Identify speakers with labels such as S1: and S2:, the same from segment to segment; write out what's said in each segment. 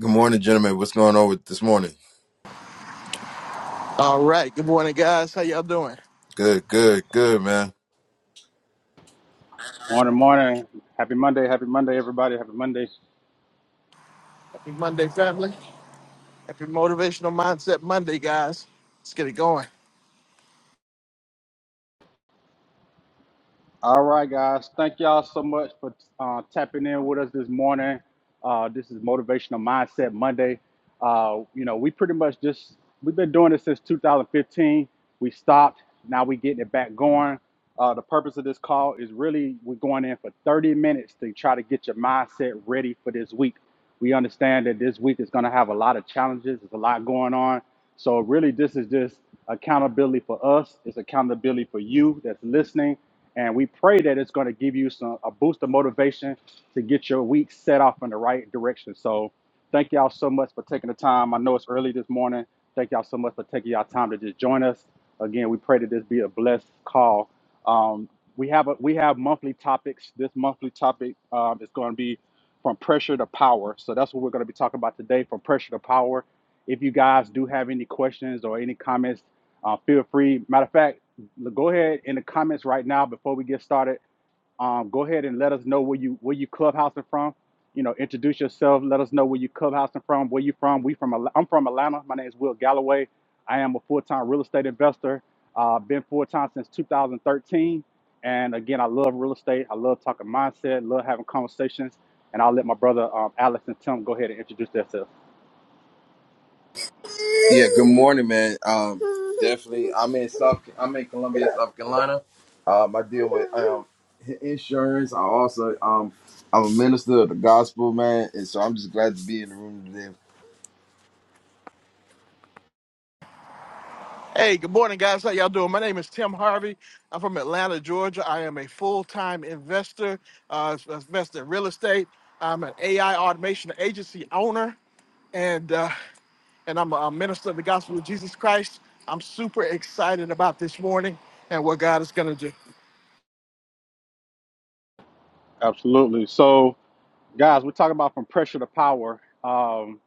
S1: Good morning, gentlemen. What's going on with this morning?
S2: All right. Good morning, guys. How y'all doing?
S1: Good, good, good, man.
S3: Morning, morning. Happy Monday. Happy Monday, everybody. Happy Monday.
S2: Happy Monday, family. Happy Motivational Mindset Monday, guys. Let's get it going.
S3: All right, guys. Thank y'all so much for uh, tapping in with us this morning. Uh, this is Motivational Mindset Monday. Uh, you know, we pretty much just, we've been doing this since 2015. We stopped. Now we're getting it back going. Uh, the purpose of this call is really we're going in for 30 minutes to try to get your mindset ready for this week. We understand that this week is going to have a lot of challenges. There's a lot going on. So really, this is just accountability for us. It's accountability for you that's listening, and we pray that it's going to give you some a boost of motivation to get your week set off in the right direction. So thank y'all so much for taking the time. I know it's early this morning. Thank y'all so much for taking y'all time to just join us. Again, we pray that this be a blessed call. Um, we have a, we have monthly topics. This monthly topic um, is going to be from pressure to power. So that's what we're going to be talking about today, from pressure to power if you guys do have any questions or any comments, uh, feel free. Matter of fact, go ahead in the comments right now before we get started. Um, go ahead and let us know where you where you clubhousing from. You know, introduce yourself. Let us know where you clubhousing from. Where you from? We from. Al- I'm from Atlanta. My name is Will Galloway. I am a full-time real estate investor. Uh, been full-time since 2013. And again, I love real estate. I love talking mindset. Love having conversations. And I'll let my brother um, Alex and Tim go ahead and introduce themselves.
S1: Yeah, good morning, man. Um, definitely. I'm in South. I'm in Columbia, South Carolina. Um, I deal with um i- insurance. I also um I'm a minister of the gospel, man, and so I'm just glad to be in the room today
S2: Hey, good morning, guys. How y'all doing? My name is Tim Harvey. I'm from Atlanta, Georgia. I am a full-time investor, uh, investor in real estate. I'm an AI automation agency owner, and uh, and I'm a minister of the gospel of Jesus Christ. I'm super excited about this morning and what God is going to do.
S3: Absolutely. So guys we're talking about from pressure to power um,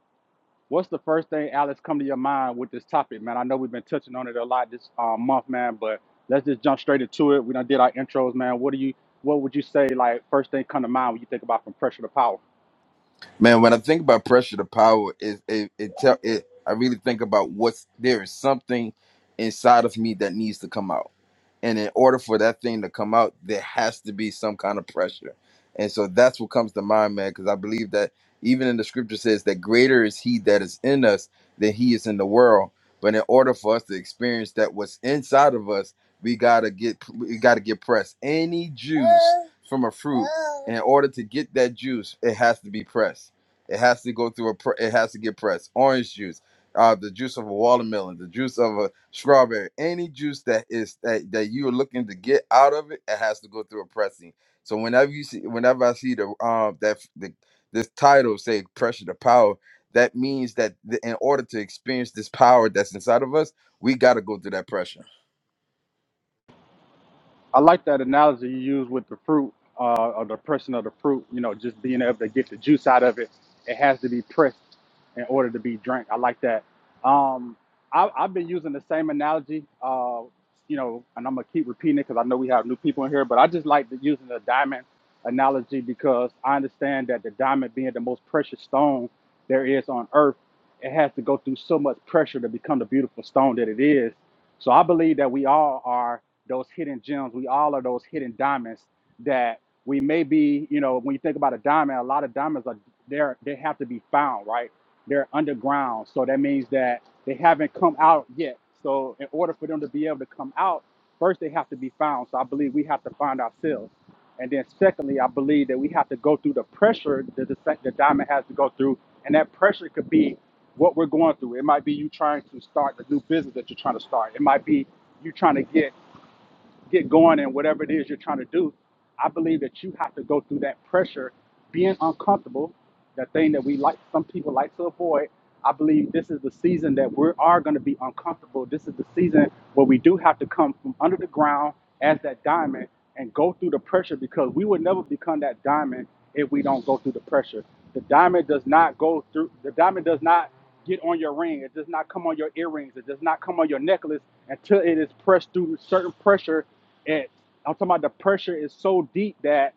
S3: what's the first thing alex come to your mind with this topic man i know we've been touching on it a lot this um, month man but let's just jump straight into it we done did our intros man what do you what would you say like first thing come to mind when you think about from pressure to power
S1: Man, when I think about pressure to power, it it it, tell, it I really think about what's there is something inside of me that needs to come out, and in order for that thing to come out, there has to be some kind of pressure, and so that's what comes to mind, man. Because I believe that even in the scripture says that greater is He that is in us than He is in the world. But in order for us to experience that what's inside of us, we gotta get we gotta get pressed. Any juice from a fruit, in order to get that juice, it has to be pressed it has to go through a. Pr- it has to get pressed. Orange juice, uh, the juice of a watermelon, the juice of a strawberry, any juice that is that, that you are looking to get out of it, it has to go through a pressing. So whenever you see, whenever I see the um that f- the this title say pressure to power, that means that the, in order to experience this power that's inside of us, we got to go through that pressure
S3: I like that analogy you used with the fruit uh, or the pressing of the fruit. You know, just being able to get the juice out of it. It has to be pressed in order to be drank. I like that. Um, I, I've been using the same analogy. Uh, you know, and I'm gonna keep repeating it because I know we have new people in here. But I just like the, using the diamond analogy because I understand that the diamond being the most precious stone there is on earth, it has to go through so much pressure to become the beautiful stone that it is. So I believe that we all are those hidden gems. We all are those hidden diamonds that we may be, you know, when you think about a diamond, a lot of diamonds are there, they have to be found, right? They're underground. So that means that they haven't come out yet. So in order for them to be able to come out, first they have to be found. So I believe we have to find ourselves. And then secondly, I believe that we have to go through the pressure that the, the diamond has to go through. And that pressure could be what we're going through. It might be you trying to start the new business that you're trying to start. It might be you trying to get get going in whatever it is you're trying to do, I believe that you have to go through that pressure, being uncomfortable, that thing that we like, some people like to avoid. I believe this is the season that we are going to be uncomfortable. This is the season where we do have to come from under the ground as that diamond and go through the pressure because we would never become that diamond if we don't go through the pressure. The diamond does not go through, the diamond does not get on your ring. It does not come on your earrings. It does not come on your necklace until it is pressed through certain pressure. And I'm talking about the pressure is so deep that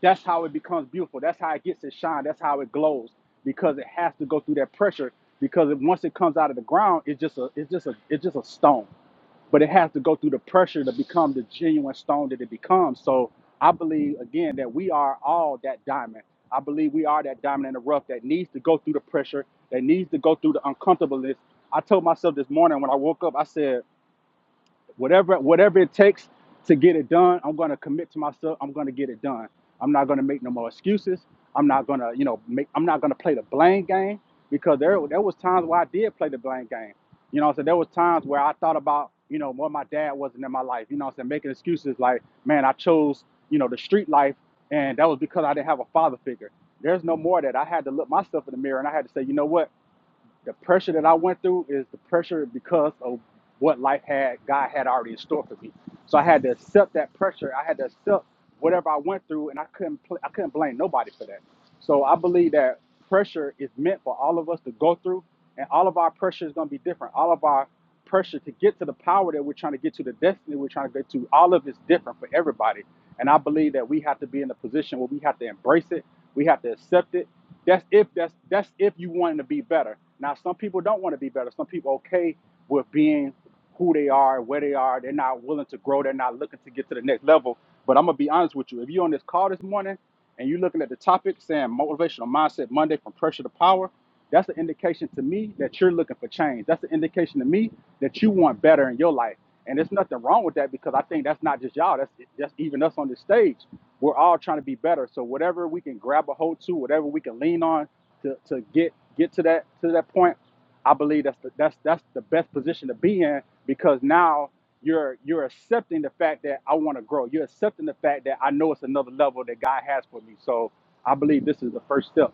S3: that's how it becomes beautiful. That's how it gets its shine. That's how it glows because it has to go through that pressure. Because it, once it comes out of the ground, it's just a it's just a it's just a stone but it has to go through the pressure to become the genuine stone that it becomes. So I believe again that we are all that diamond. I believe we are that diamond in the rough that needs to go through the pressure, that needs to go through the uncomfortableness. I told myself this morning when I woke up, I said, whatever whatever it takes to get it done i'm going to commit to myself i'm going to get it done i'm not going to make no more excuses i'm not going to you know make i'm not going to play the blame game because there there was times where i did play the blame game you know I so there was times where i thought about you know what my dad wasn't in my life you know what i'm saying making excuses like man i chose you know the street life and that was because i didn't have a father figure there's no more that i had to look myself in the mirror and i had to say you know what the pressure that I went through is the pressure because of what life had God had already in store for me. So I had to accept that pressure. I had to accept whatever I went through, and I couldn't pl- I couldn't blame nobody for that. So I believe that pressure is meant for all of us to go through, and all of our pressure is going to be different. All of our pressure to get to the power that we're trying to get to, the destiny we're trying to get to, all of it's different for everybody. And I believe that we have to be in a position where we have to embrace it, we have to accept it, that's if that's that's if you wanting to be better. Now some people don't want to be better. Some people okay with being who they are, where they are. They're not willing to grow. They're not looking to get to the next level. But I'm gonna be honest with you. If you're on this call this morning and you're looking at the topic saying motivational mindset Monday from pressure to power, that's an indication to me that you're looking for change. That's an indication to me that you want better in your life. And there's nothing wrong with that because I think that's not just y'all. That's just even us on this stage. We're all trying to be better. So whatever we can grab a hold to, whatever we can lean on to, to get get to that to that point, I believe that's the, that's that's the best position to be in because now you're you're accepting the fact that I want to grow. You're accepting the fact that I know it's another level that God has for me. So I believe this is the first step.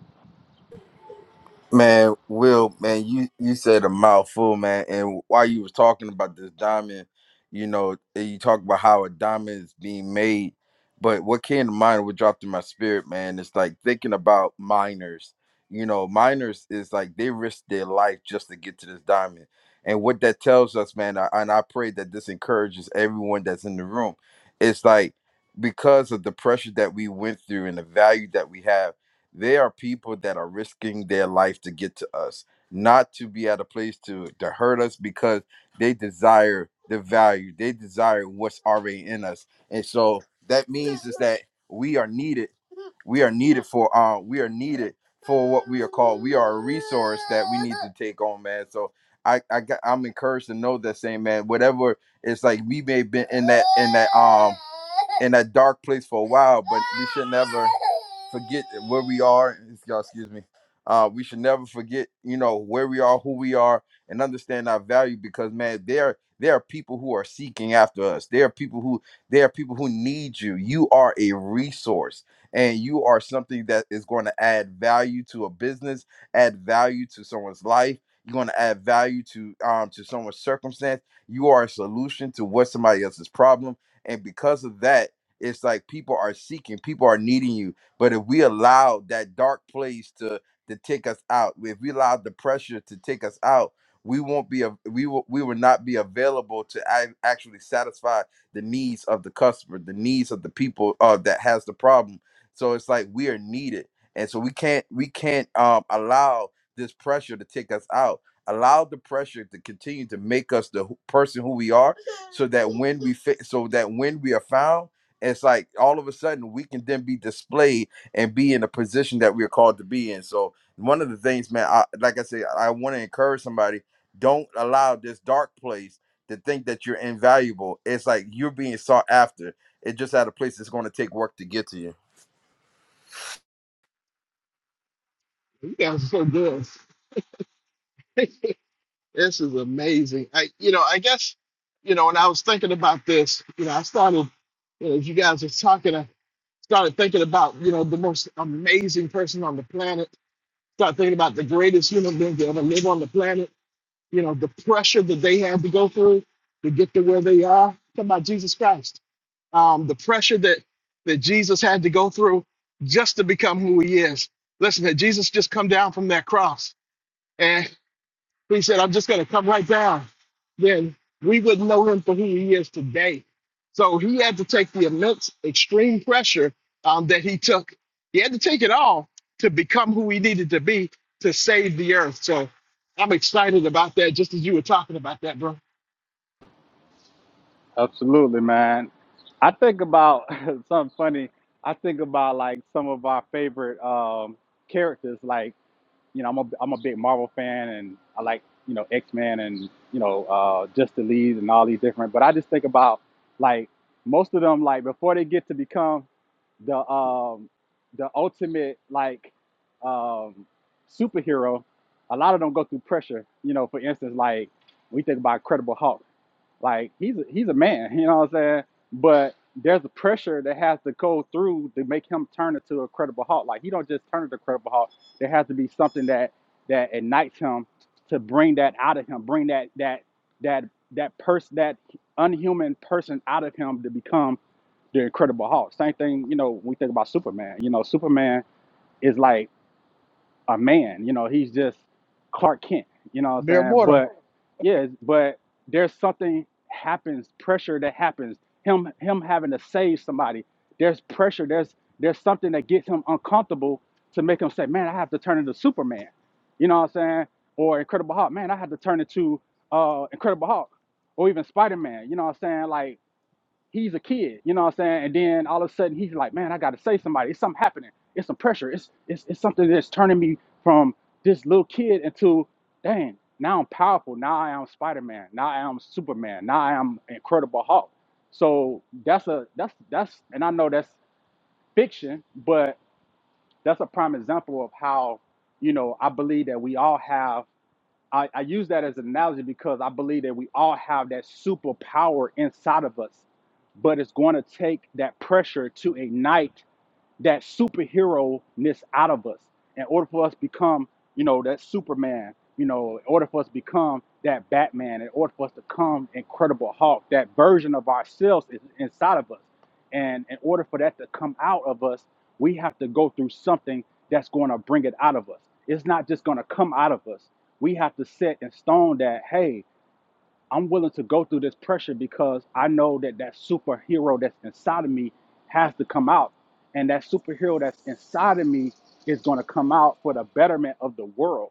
S1: Man, Will, man, you you said a mouthful, man. And while you was talking about this diamond, you know, and you talk about how a diamond is being made, but what came to mind, what dropped in my spirit, man, is like thinking about miners. You know, miners is like they risk their life just to get to this diamond. And what that tells us, man, I, and I pray that this encourages everyone that's in the room. It's like because of the pressure that we went through and the value that we have they are people that are risking their life to get to us, not to be at a place to, to hurt us because they desire the value, they desire what's already in us. And so that means is that we are needed we are needed for uh we are needed for what we are called we are a resource that we need to take on man so i i got, i'm encouraged to know that same man whatever it's like we may have been in that in that um in that dark place for a while but we should never forget where we are y'all excuse me uh we should never forget you know where we are who we are and understand our value because man there there are people who are seeking after us there are people who there are people who need you you are a resource and you are something that is going to add value to a business, add value to someone's life. You're going to add value to um to someone's circumstance. You are a solution to what somebody else's problem, and because of that, it's like people are seeking, people are needing you. But if we allow that dark place to to take us out, if we allow the pressure to take us out, we won't be a, we will we will not be available to ac- actually satisfy the needs of the customer, the needs of the people uh, that has the problem so it's like we are needed, and so we can't we can't um, allow this pressure to take us out. Allow the pressure to continue to make us the who- person who we are, so that when we fit, so that when we are found, it's like all of a sudden we can then be displayed and be in a position that we are called to be in. So one of the things, man, I, like I said, I want to encourage somebody. Don't allow this dark place to think that you're invaluable. It's like you're being sought after. It just at a place that's going to take work to get to you.
S2: You guys are so good. This is amazing. I, you know, I guess, you know, when I was thinking about this, you know, I started, you know, as you guys were talking, I started thinking about, you know, the most amazing person on the planet. Started thinking about the greatest human being to ever live on the planet. You know, the pressure that they had to go through to get to where they are. Talking about Jesus Christ. Um, the pressure that that Jesus had to go through just to become who he is. Listen, had Jesus just come down from that cross. He said, I'm just going to come right down. Then we wouldn't know him for who he is today. So he had to take the immense, extreme pressure um, that he took. He had to take it all to become who he needed to be to save the earth. So I'm excited about that, just as you were talking about that, bro.
S3: Absolutely, man. I think about something funny. I think about like some of our favorite um, characters. Like you know, I'm a I'm a big Marvel fan, and I like you know X Men and you know uh, Justice League and all these different. But I just think about like most of them, like before they get to become the um, the ultimate like um, superhero, a lot of them go through pressure. You know, for instance, like we think about Incredible Hulk. Like he's a, he's a man, you know what I'm saying? But there's a pressure that has to go through to make him turn into a credible Hulk. Like he don't just turn into a credible Hulk. There has to be something that that ignites him to bring that out of him, bring that that that that person that unhuman person out of him to become the incredible Hulk. Same thing, you know, we think about Superman. You know, Superman is like a man. You know, he's just Clark Kent. You know
S2: A
S3: what
S2: mere
S3: I'm saying?
S2: mortal.
S3: But yeah, but there's something happens, pressure that happens. Him him having to save somebody. There's pressure. There's there's something that gets him uncomfortable to make him say, "Man, I have to turn into Superman." You know what I'm saying? Or Incredible Hulk. Man, I have to turn into uh, Incredible Hulk, or even Spider Man. You know what I'm saying? Like he's a kid, you know what I'm saying? And then all of a sudden he's like, man, I gotta say somebody. It's something happening. It's some pressure. It's it's it's something that's turning me from this little kid into dang, now I'm powerful. Now I am Spider Man. Now I am Superman. Now I am Incredible Hulk. So that's a that's that's and I know that's fiction, but that's a prime example of how, you know, I believe that we all have I, I use that as an analogy because I believe that we all have that superpower inside of us, but it's going to take that pressure to ignite that superhero-ness out of us in order for us to become, you know, that Superman, you know, in order for us to become that Batman, in order for us to become Incredible Hulk, that version of ourselves is inside of us. And in order for that to come out of us, we have to go through something that's going to bring it out of us. It's not just going to come out of us. We have to set in stone that, hey, I'm willing to go through this pressure because I know that that superhero that's inside of me has to come out. And that superhero that's inside of me is going to come out for the betterment of the world.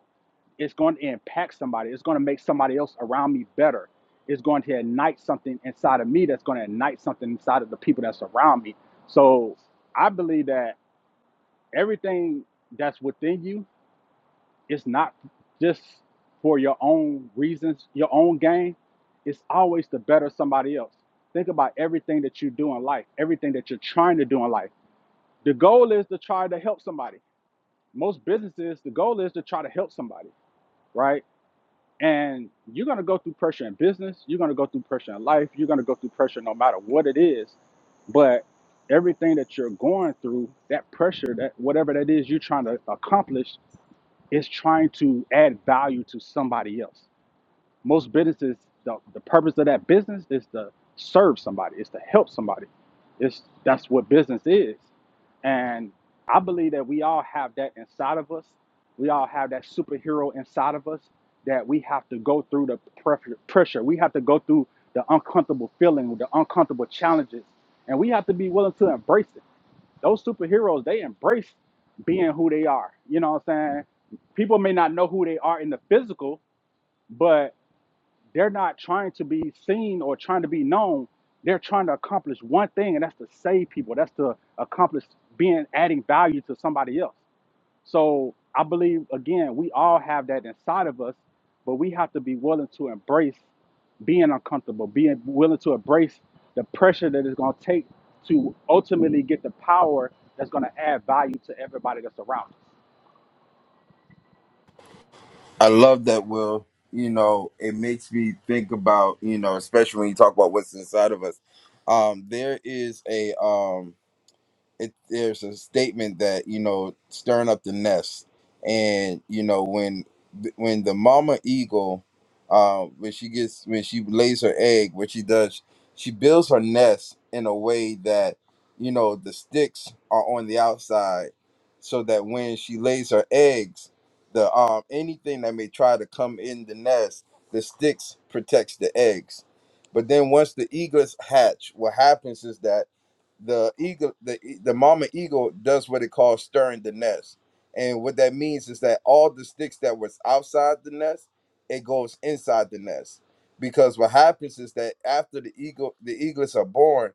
S3: It's going to impact somebody. It's going to make somebody else around me better. It's going to ignite something inside of me that's going to ignite something inside of the people that's around me. So I believe that everything that's within you it's not just for your own reasons, your own gain. It's always to better somebody else. Think about everything that you do in life, everything that you're trying to do in life. The goal is to try to help somebody. Most businesses, the goal is to try to help somebody, right? And you're gonna go through pressure in business, you're gonna go through pressure in life, you're gonna go through pressure no matter what it is. But everything that you're going through, that pressure, that whatever that is you're trying to accomplish, it's trying to add value to somebody else. Most businesses, the, the purpose of that business is to serve somebody, it's to help somebody. It's that's what business is. And I believe that we all have that inside of us. We all have that superhero inside of us that we have to go through the pref- pressure. We have to go through the uncomfortable feeling, the uncomfortable challenges, and we have to be willing to embrace it. Those superheroes, they embrace being who they are. You know what I'm saying? People may not know who they are in the physical, but they're not trying to be seen or trying to be known. They're trying to accomplish one thing, and that's to save people. That's to accomplish being adding value to somebody else. So I believe again, we all have that inside of us, but we have to be willing to embrace being uncomfortable, being willing to embrace the pressure that it's going to take to ultimately get the power that's going to add value to everybody that's around us.
S1: I love that, Will. You know, it makes me think about, you know, especially when you talk about what's inside of us. Um, there is a um it, there's a statement that you know stirring up the nest and you know when when the mama eagle uh, when she gets when she lays her egg what she does she builds her nest in a way that you know the sticks are on the outside so that when she lays her eggs the um anything that may try to come in the nest the sticks protects the eggs but then once the eaglets hatch what happens is that the eagle the the mama eagle does what it calls stirring the nest and what that means is that all the sticks that was outside the nest it goes inside the nest because what happens is that after the eagle the eaglets are born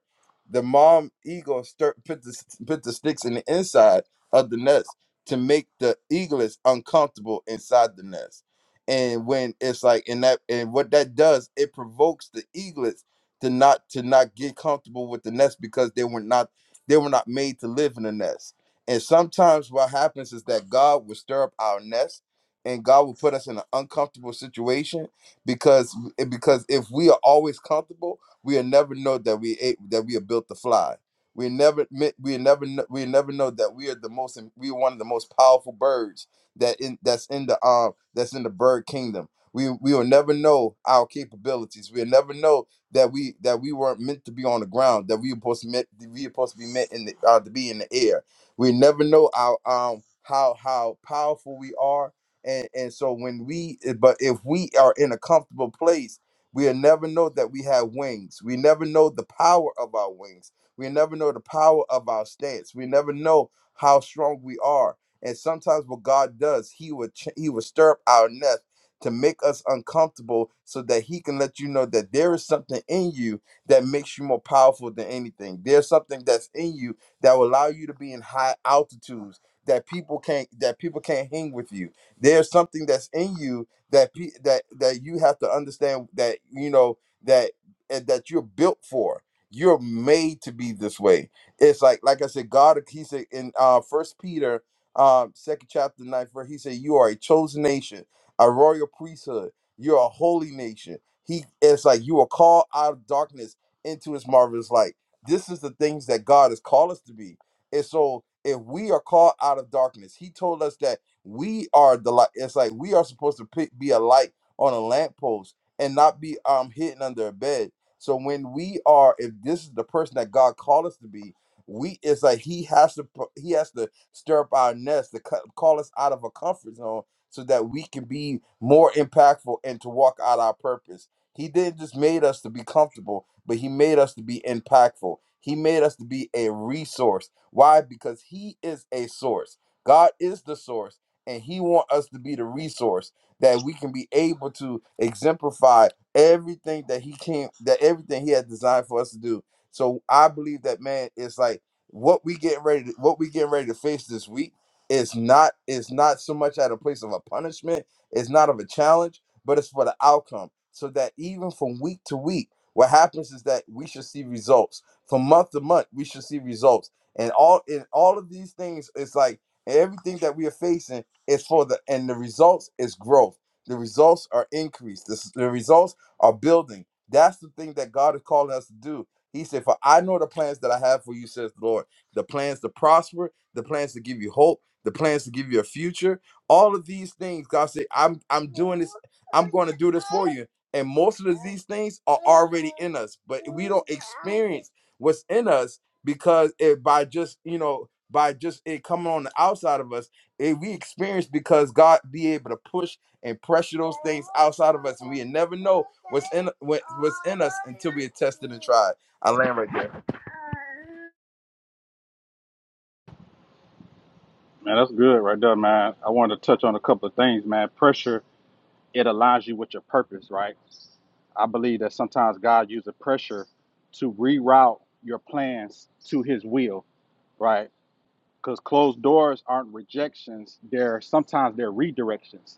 S1: the mom eagle stir, put the s- put the sticks in the inside of the nest to make the eaglets uncomfortable inside the nest and when it's like in that and what that does it provokes the eaglets to not to not get comfortable with the nest because they were not they were not made to live in the nest. And sometimes what happens is that God will stir up our nest and God will put us in an uncomfortable situation because because if we are always comfortable, we will never know that we ate, that we are built to fly. We never mi- we never kn- we never know that we are the most we are one of the most powerful birds that in that's in the um that's in the bird kingdom. We we will never know our capabilities. We'll never know that we that we weren't meant to be on the ground, that we were supposed to meant we were supposed to be meant in the uh, to be in the air. We never know our um how how powerful we are. And and so when we eh, but if we are in a comfortable place, we'll never know that we have wings. We never know the power of our wings. We never know the power of our stance. We never know how strong we are. And sometimes what God does, He will ch- He will stir up our nest to make us uncomfortable so that he can let you know that there is something in you that makes you more powerful than anything. There's something that's in you that will allow you to be in high altitudes that people can't that people can't hang with you. There's something that's in you that pe- that that you have to understand that you know that eh, that you're built for. You're made to be this way. It's like like I said, God he said in uh first Peter um second chapter ninth verse, he said, You are a chosen nation a royal priesthood. You're a holy nation. He it's like you are called out of darkness into his marvelous light. This is the things that God has called us to be. And so if we are called out of darkness, he told us that we are the light. It's like we are supposed to pick, be a light on a lamppost and not be um hidden under a bed. So when we are, if this is the person that God called us to be, we it's like He has to pu- He has to stir up our nest to cut, call us out of a comfort zone so that we can be more impactful and to walk out our purpose. He didn't just made us to be comfortable, but he made us to be impactful. He made us to be a resource. Why? Because he is a source. God is the source, and he want us to be the resource that we can be able to exemplify everything that he came that everything he had designed for us to do. So I believe that man it's like what we get ready to, what we getting ready to face this week it's not it's not so much at a place of a punishment, it's not of a challenge, but it's for the outcome. So that even from week to week, what happens is that we should see results. From month to month, we should see results. And all in all of these things, it's like everything that we are facing is for the and the results is growth. The results are increase. The, s- the results are building. That's the thing that God is calling us to do. He said, For I know the plans that I have for you, says the Lord. The plans to prosper, the plans to give you hope the plans to give you a future. All of these things, God said, I'm I'm doing this, I'm going to do this for you. And most of these things are already in us, but we don't experience what's in us because it by just, you know, by just it coming on the outside of us, it, we experience because God be able to push and pressure those things outside of us, and we never know what's in what, what's in us until we are tested and tried. I land right there.
S3: Man, that's good right there, man. I wanted to touch on a couple of things, man. Pressure, it aligns you with your purpose, right? I believe that sometimes God uses pressure to reroute your plans to his will, right? because closed doors aren't rejections they're sometimes they're redirections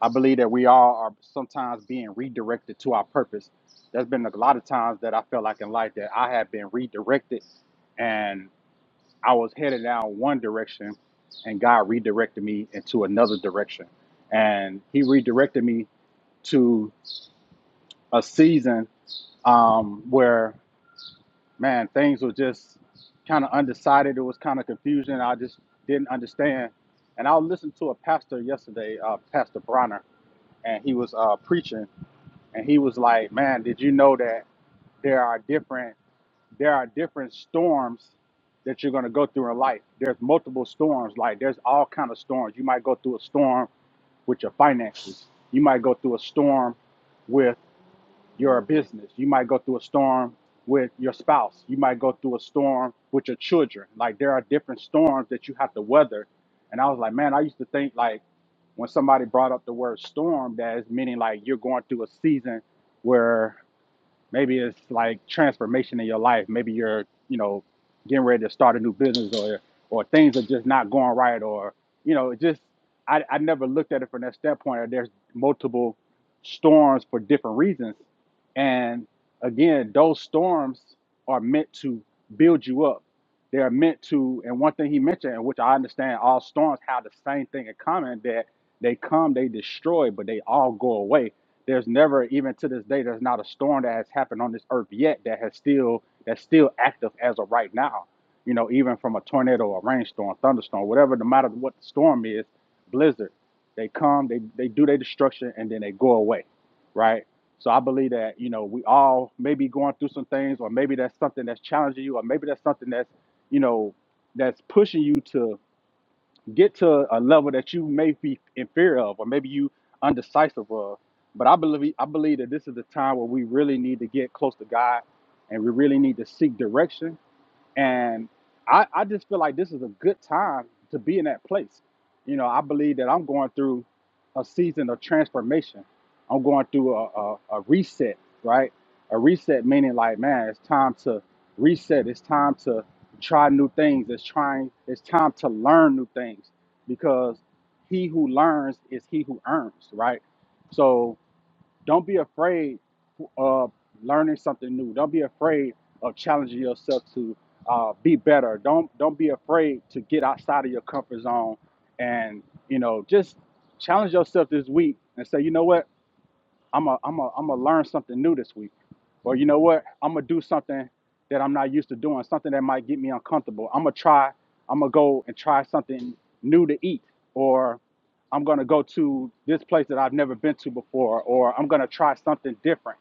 S3: i believe that we all are sometimes being redirected to our purpose there's been a lot of times that i felt like in life that i have been redirected and i was headed down one direction and god redirected me into another direction and he redirected me to a season um, where man, things were just kind of undecided. It was kind of confusion. I just didn't understand. And I listened to a pastor yesterday, uh, Pastor Bronner, and he was uh, preaching, and he was like, "Man, did you know that there are different there are different storms that you're going to go through in life? There's multiple storms. Like there's all kind of storms. You might go through a storm with your finances. You might go through a storm." with." You're a business. You might go through a storm with your spouse. You might go through a storm with your children. Like there are different storms that you have to weather. And I was like, man, I used to think like when somebody brought up the word storm, that is meaning like you're going through a season where. Maybe it's like transformation in your life. Maybe you're, you know, getting ready to start a new business or or things are just not going right or, you know, it just I, I never looked at it from that standpoint or there's multiple storms for different reasons. And again, those storms are meant to build you up they are meant to, and one thing he mentioned, and which I understand, all storms have the same thing in common that they come, they destroy, but they all go away. There's never, even to this day, there's not a storm that has happened on this earth yet that has still that's still active as of right now. You know, even from a tornado, a rainstorm, thunderstorm, whatever, no matter what the storm is, blizzard, they come, they they do their destruction, and then they go away, right? So I believe that you know we all may be going through some things, or maybe that's something that's challenging you, or maybe that's something that's you know, that's pushing you to get to a level that you may be in fear of, or maybe you undecisive of. But I believe I believe that this is the time where we really need to get close to God, and we really need to seek direction and I, I just feel like this is a good time to be in that place. You know, I believe that I'm going through a season of transformation. I'm going through a, a, a reset, right? A reset meaning like, man, it's time to reset. It's time to try new things. It's trying. It's time to learn new things because he who learns is he who earns, right? So don't be afraid of learning something new. Don't be afraid of challenging yourself to uh, be better. Don't don't be afraid to get outside of your comfort zone, and you know just challenge yourself this week and say, you know what. I'm a, I'm a, I'm a learn something new this week. Or you know what? I'm gonna do something that I'm not used to doing, something that might get me uncomfortable. I'm gonna try, I'm gonna go and try something new to eat, or I'm gonna go to this place that I've never been to before, or I'm gonna try something different.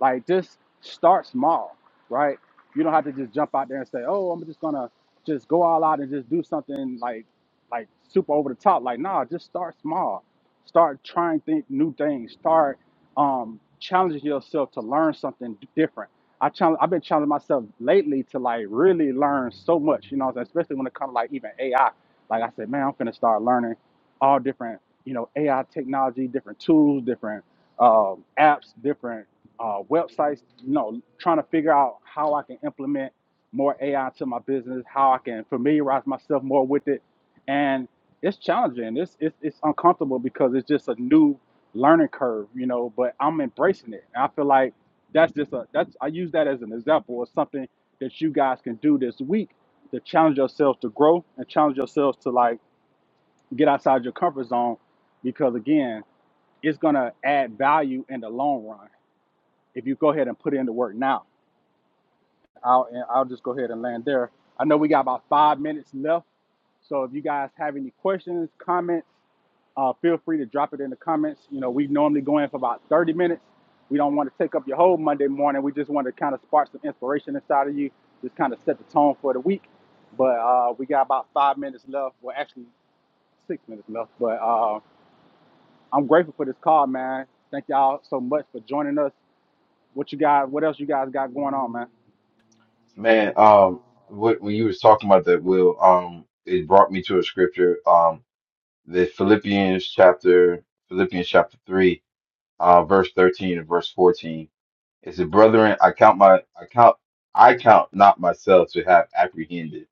S3: Like just start small, right? You don't have to just jump out there and say, "Oh, I'm just gonna just go all out and just do something like like super over the top." Like, nah, just start small. Start trying think new things. Start um, challenging yourself to learn something different. I challenge, I've been challenging myself lately to like really learn so much, you know, especially when it comes to like even AI. Like I said, man, I'm gonna start learning all different, you know, AI technology, different tools, different um, apps, different uh, websites. You know, trying to figure out how I can implement more AI to my business, how I can familiarize myself more with it, and it's challenging. It's it's, it's uncomfortable because it's just a new learning curve, you know, but I'm embracing it. And I feel like that's just a that's I use that as an example or something that you guys can do this week to challenge yourselves to grow and challenge yourselves to like get outside your comfort zone because again, it's gonna add value in the long run if you go ahead and put in the work now. I'll and I'll just go ahead and land there. I know we got about five minutes left. So if you guys have any questions, comments, uh, feel free to drop it in the comments. You know, we normally go in for about 30 minutes. We don't want to take up your whole Monday morning. We just want to kind of spark some inspiration inside of you, just kind of set the tone for the week. But uh, we got about five minutes left. Well, actually, six minutes left. But uh, I'm grateful for this call, man. Thank y'all so much for joining us. What you guys? What else you guys got going on, man?
S1: Man, um, what when you was talking about that, Will, um, it brought me to a scripture, um, the Philippians chapter, Philippians chapter three, uh, verse thirteen and verse fourteen. It said, "Brethren, I count my, I count, I count not myself to have apprehended."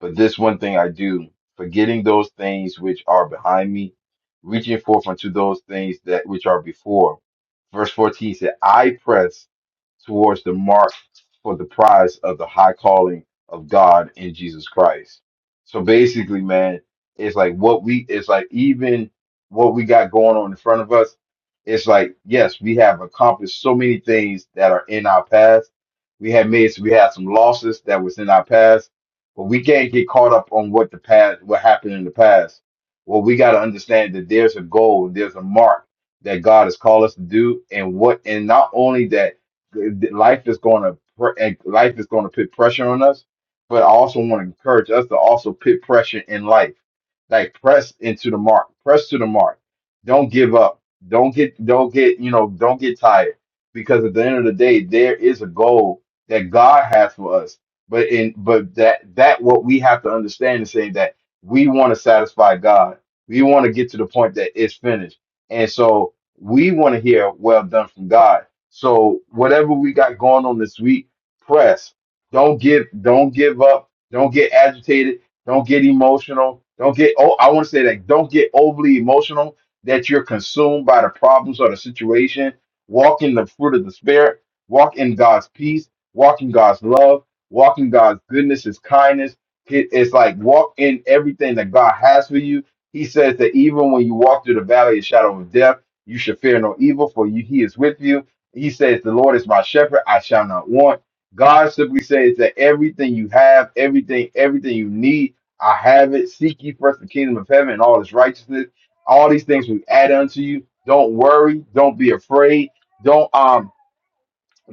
S1: But this one thing I do, forgetting those things which are behind me, reaching forth unto those things that which are before. Verse 14 said, I press towards the mark for the prize of the high calling of God in Jesus Christ. So basically, man, it's like what we, it's like even what we got going on in front of us. It's like, yes, we have accomplished so many things that are in our past. We have made, we had some losses that was in our past but we can't get caught up on what the past, what happened in the past. Well, we got to understand that there's a goal, there's a mark that God has called us to do, and what, and not only that, th- life is going to, pr- and life is going to put pressure on us, but I also want to encourage us to also put pressure in life, like press into the mark, press to the mark. Don't give up. Don't get, don't get, you know, don't get tired, because at the end of the day, there is a goal that God has for us but in but that that what we have to understand is saying that we want to satisfy God. We want to get to the point that it's finished. And so we want to hear well done from God. So whatever we got going on this week, press. Don't give don't give up. Don't get agitated. Don't get emotional. Don't get oh I want to say that don't get overly emotional that you're consumed by the problems or the situation. Walk in the fruit of the spirit. Walk in God's peace. Walk in God's love walking God's goodness, His kindness. It- It's like walk in everything that God has for you. He says that even when you walk through the valley of shadow of death, you should fear no evil, for you, He is with you. He says, The Lord is my shepherd, I shall not want. God simply says that everything you have, everything, everything you need, I have it. Seek ye first the kingdom of heaven and all its righteousness. All these things we add unto you. Don't worry. Don't be afraid. Don't um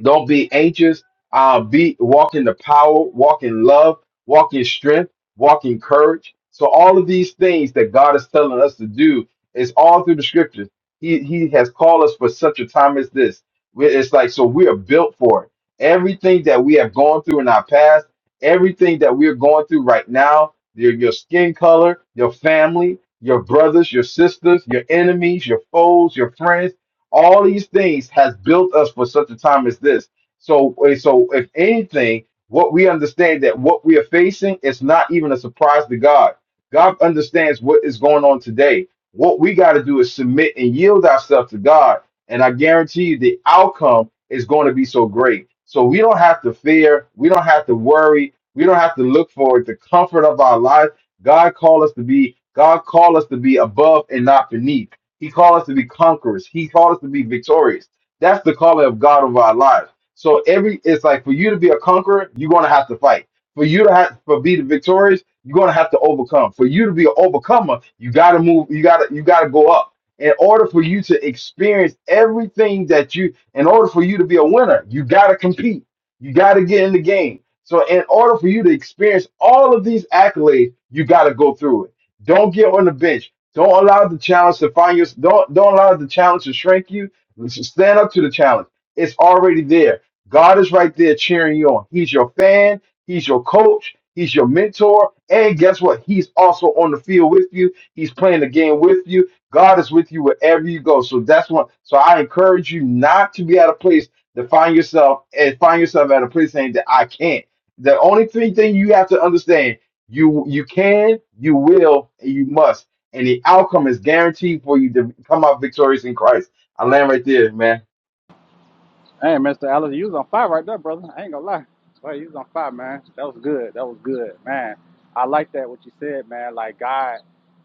S1: don't be anxious. Uh, be walk in the power, walk in love, walk in strength, walk in courage. So all of these things that God is telling us to do is all through the scriptures. He He has called us for such a time as this. We- It's like so we are built for it. Everything that we have gone through in our past, everything that we are going through right now, your, your skin color, your family, your brothers, your sisters, your enemies, your foes, your friends all these things has built us for such a time as this. So, eh, so if anything, what we understand that what we are facing is not even a surprise to God. God understands what is going on today. What we got to do is submit and yield ourselves to God, and I guarantee you the outcome is going to be so great. So we don't have to fear. We don't have to worry. We don't have to look for the comfort of our life. God called us to be. God called us to be above and not beneath. He called us to be conquerors. He called us to be victorious. That's the calling of God over our lives. So every it's like for you to be a conqueror, you're gonna have to fight. For you to have for be the victorious, you're gonna have to overcome. For you to be an overcomer, you gotta move, you gotta you gotta go up. In order for you to experience everything that you in order for you to be a winner, you gotta compete. You gotta get in the game. So in order for you to experience all of these accolades, you gotta go through it. Don't get on the bench. Don't allow the challenge to find you. don't don't allow the challenge to shrink you. Stand up to the challenge. It's already there. God is right there cheering you on. He's your fan, he's your coach, he's your mentor, and guess what? He's also on the field with you. He's playing the game with you. God is with you wherever you go. So that's one. So I encourage you not to be at a place to find yourself and find yourself at a place saying that I can't. The only three thing you have to understand you you can, you will, and you must and the outcome is guaranteed for you to come out victorious in Christ. I land right there, man.
S3: Hey, Mr. Alice, you was on fire right there, brother. I ain't gonna lie. Well, you was on fire, man. That was good. That was good, man. I like that what you said, man. Like God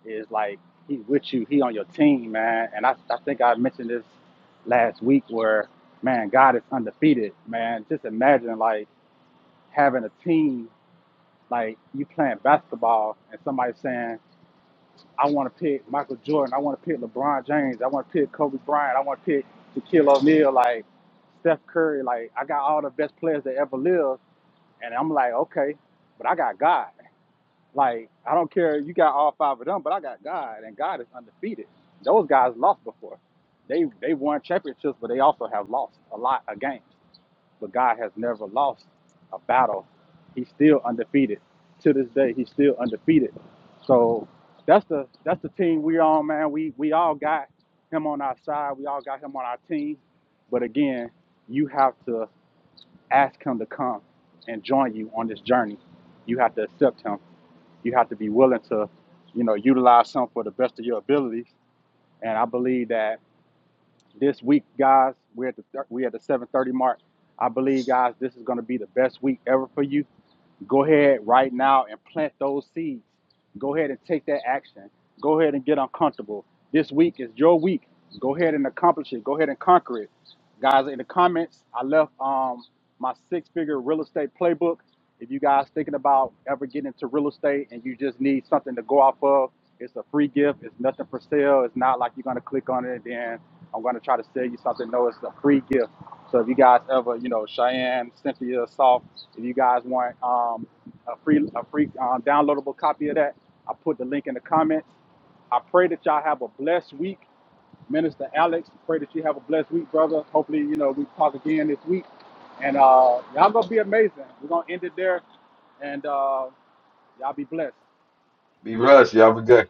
S3: is like He with you. He on your team, man. And I, I think I mentioned this last week where, man, God is undefeated, man. Just imagine like having a team, like you playing basketball and somebody saying. I want to pick Michael Jordan. I want to pick LeBron James. I want to pick Kobe Bryant. I want to pick Shaquille O'Neal. Like Steph Curry. Like I got all the best players that ever lived, and I'm like, okay, but I got God. Like I don't care. You got all five of them, but I got God, and God is undefeated. Those guys lost before. They they won championships, but they also have lost a lot of games but God has never lost a battle. He's still undefeated. To this day, he's still undefeated. So that's the that's the team we are on, man. We we all got him on our side. We all got him on our team. But again, you have to ask him to come and join you on this journey. You have to accept him. You have to be willing to, you know, utilize him for the best of your abilities. And I believe that this week, guys. We're at the we at the seven thirty mark. I believe, guys, this is going to be the best week ever for you go ahead right now and plant those seeds. Go ahead and take that action. Go ahead and get uncomfortable. This week is your week. Go ahead and accomplish it. Go ahead and conquer it. Guys, in the comments, I left um, my six figure real estate playbook. If you guys thinking about ever getting into real estate and you just need something to go off of, it's a free gift. It's nothing for sale. It's not like you're going to click on it and then I'm going to try to sell you something. No, it's a free gift. So if you guys ever, you know, Cheyenne, Cynthia, Soft, if you guys want um, a free a free um, downloadable copy of that, I put the link in the comments. I pray that y'all have a blessed week, Minister Alex. Pray that you have a blessed week, brother. Hopefully, you know we talk again this week, and uh, y'all gonna be amazing. We're gonna end it there, and uh, y'all be blessed.
S1: Be blessed, y'all. Be good.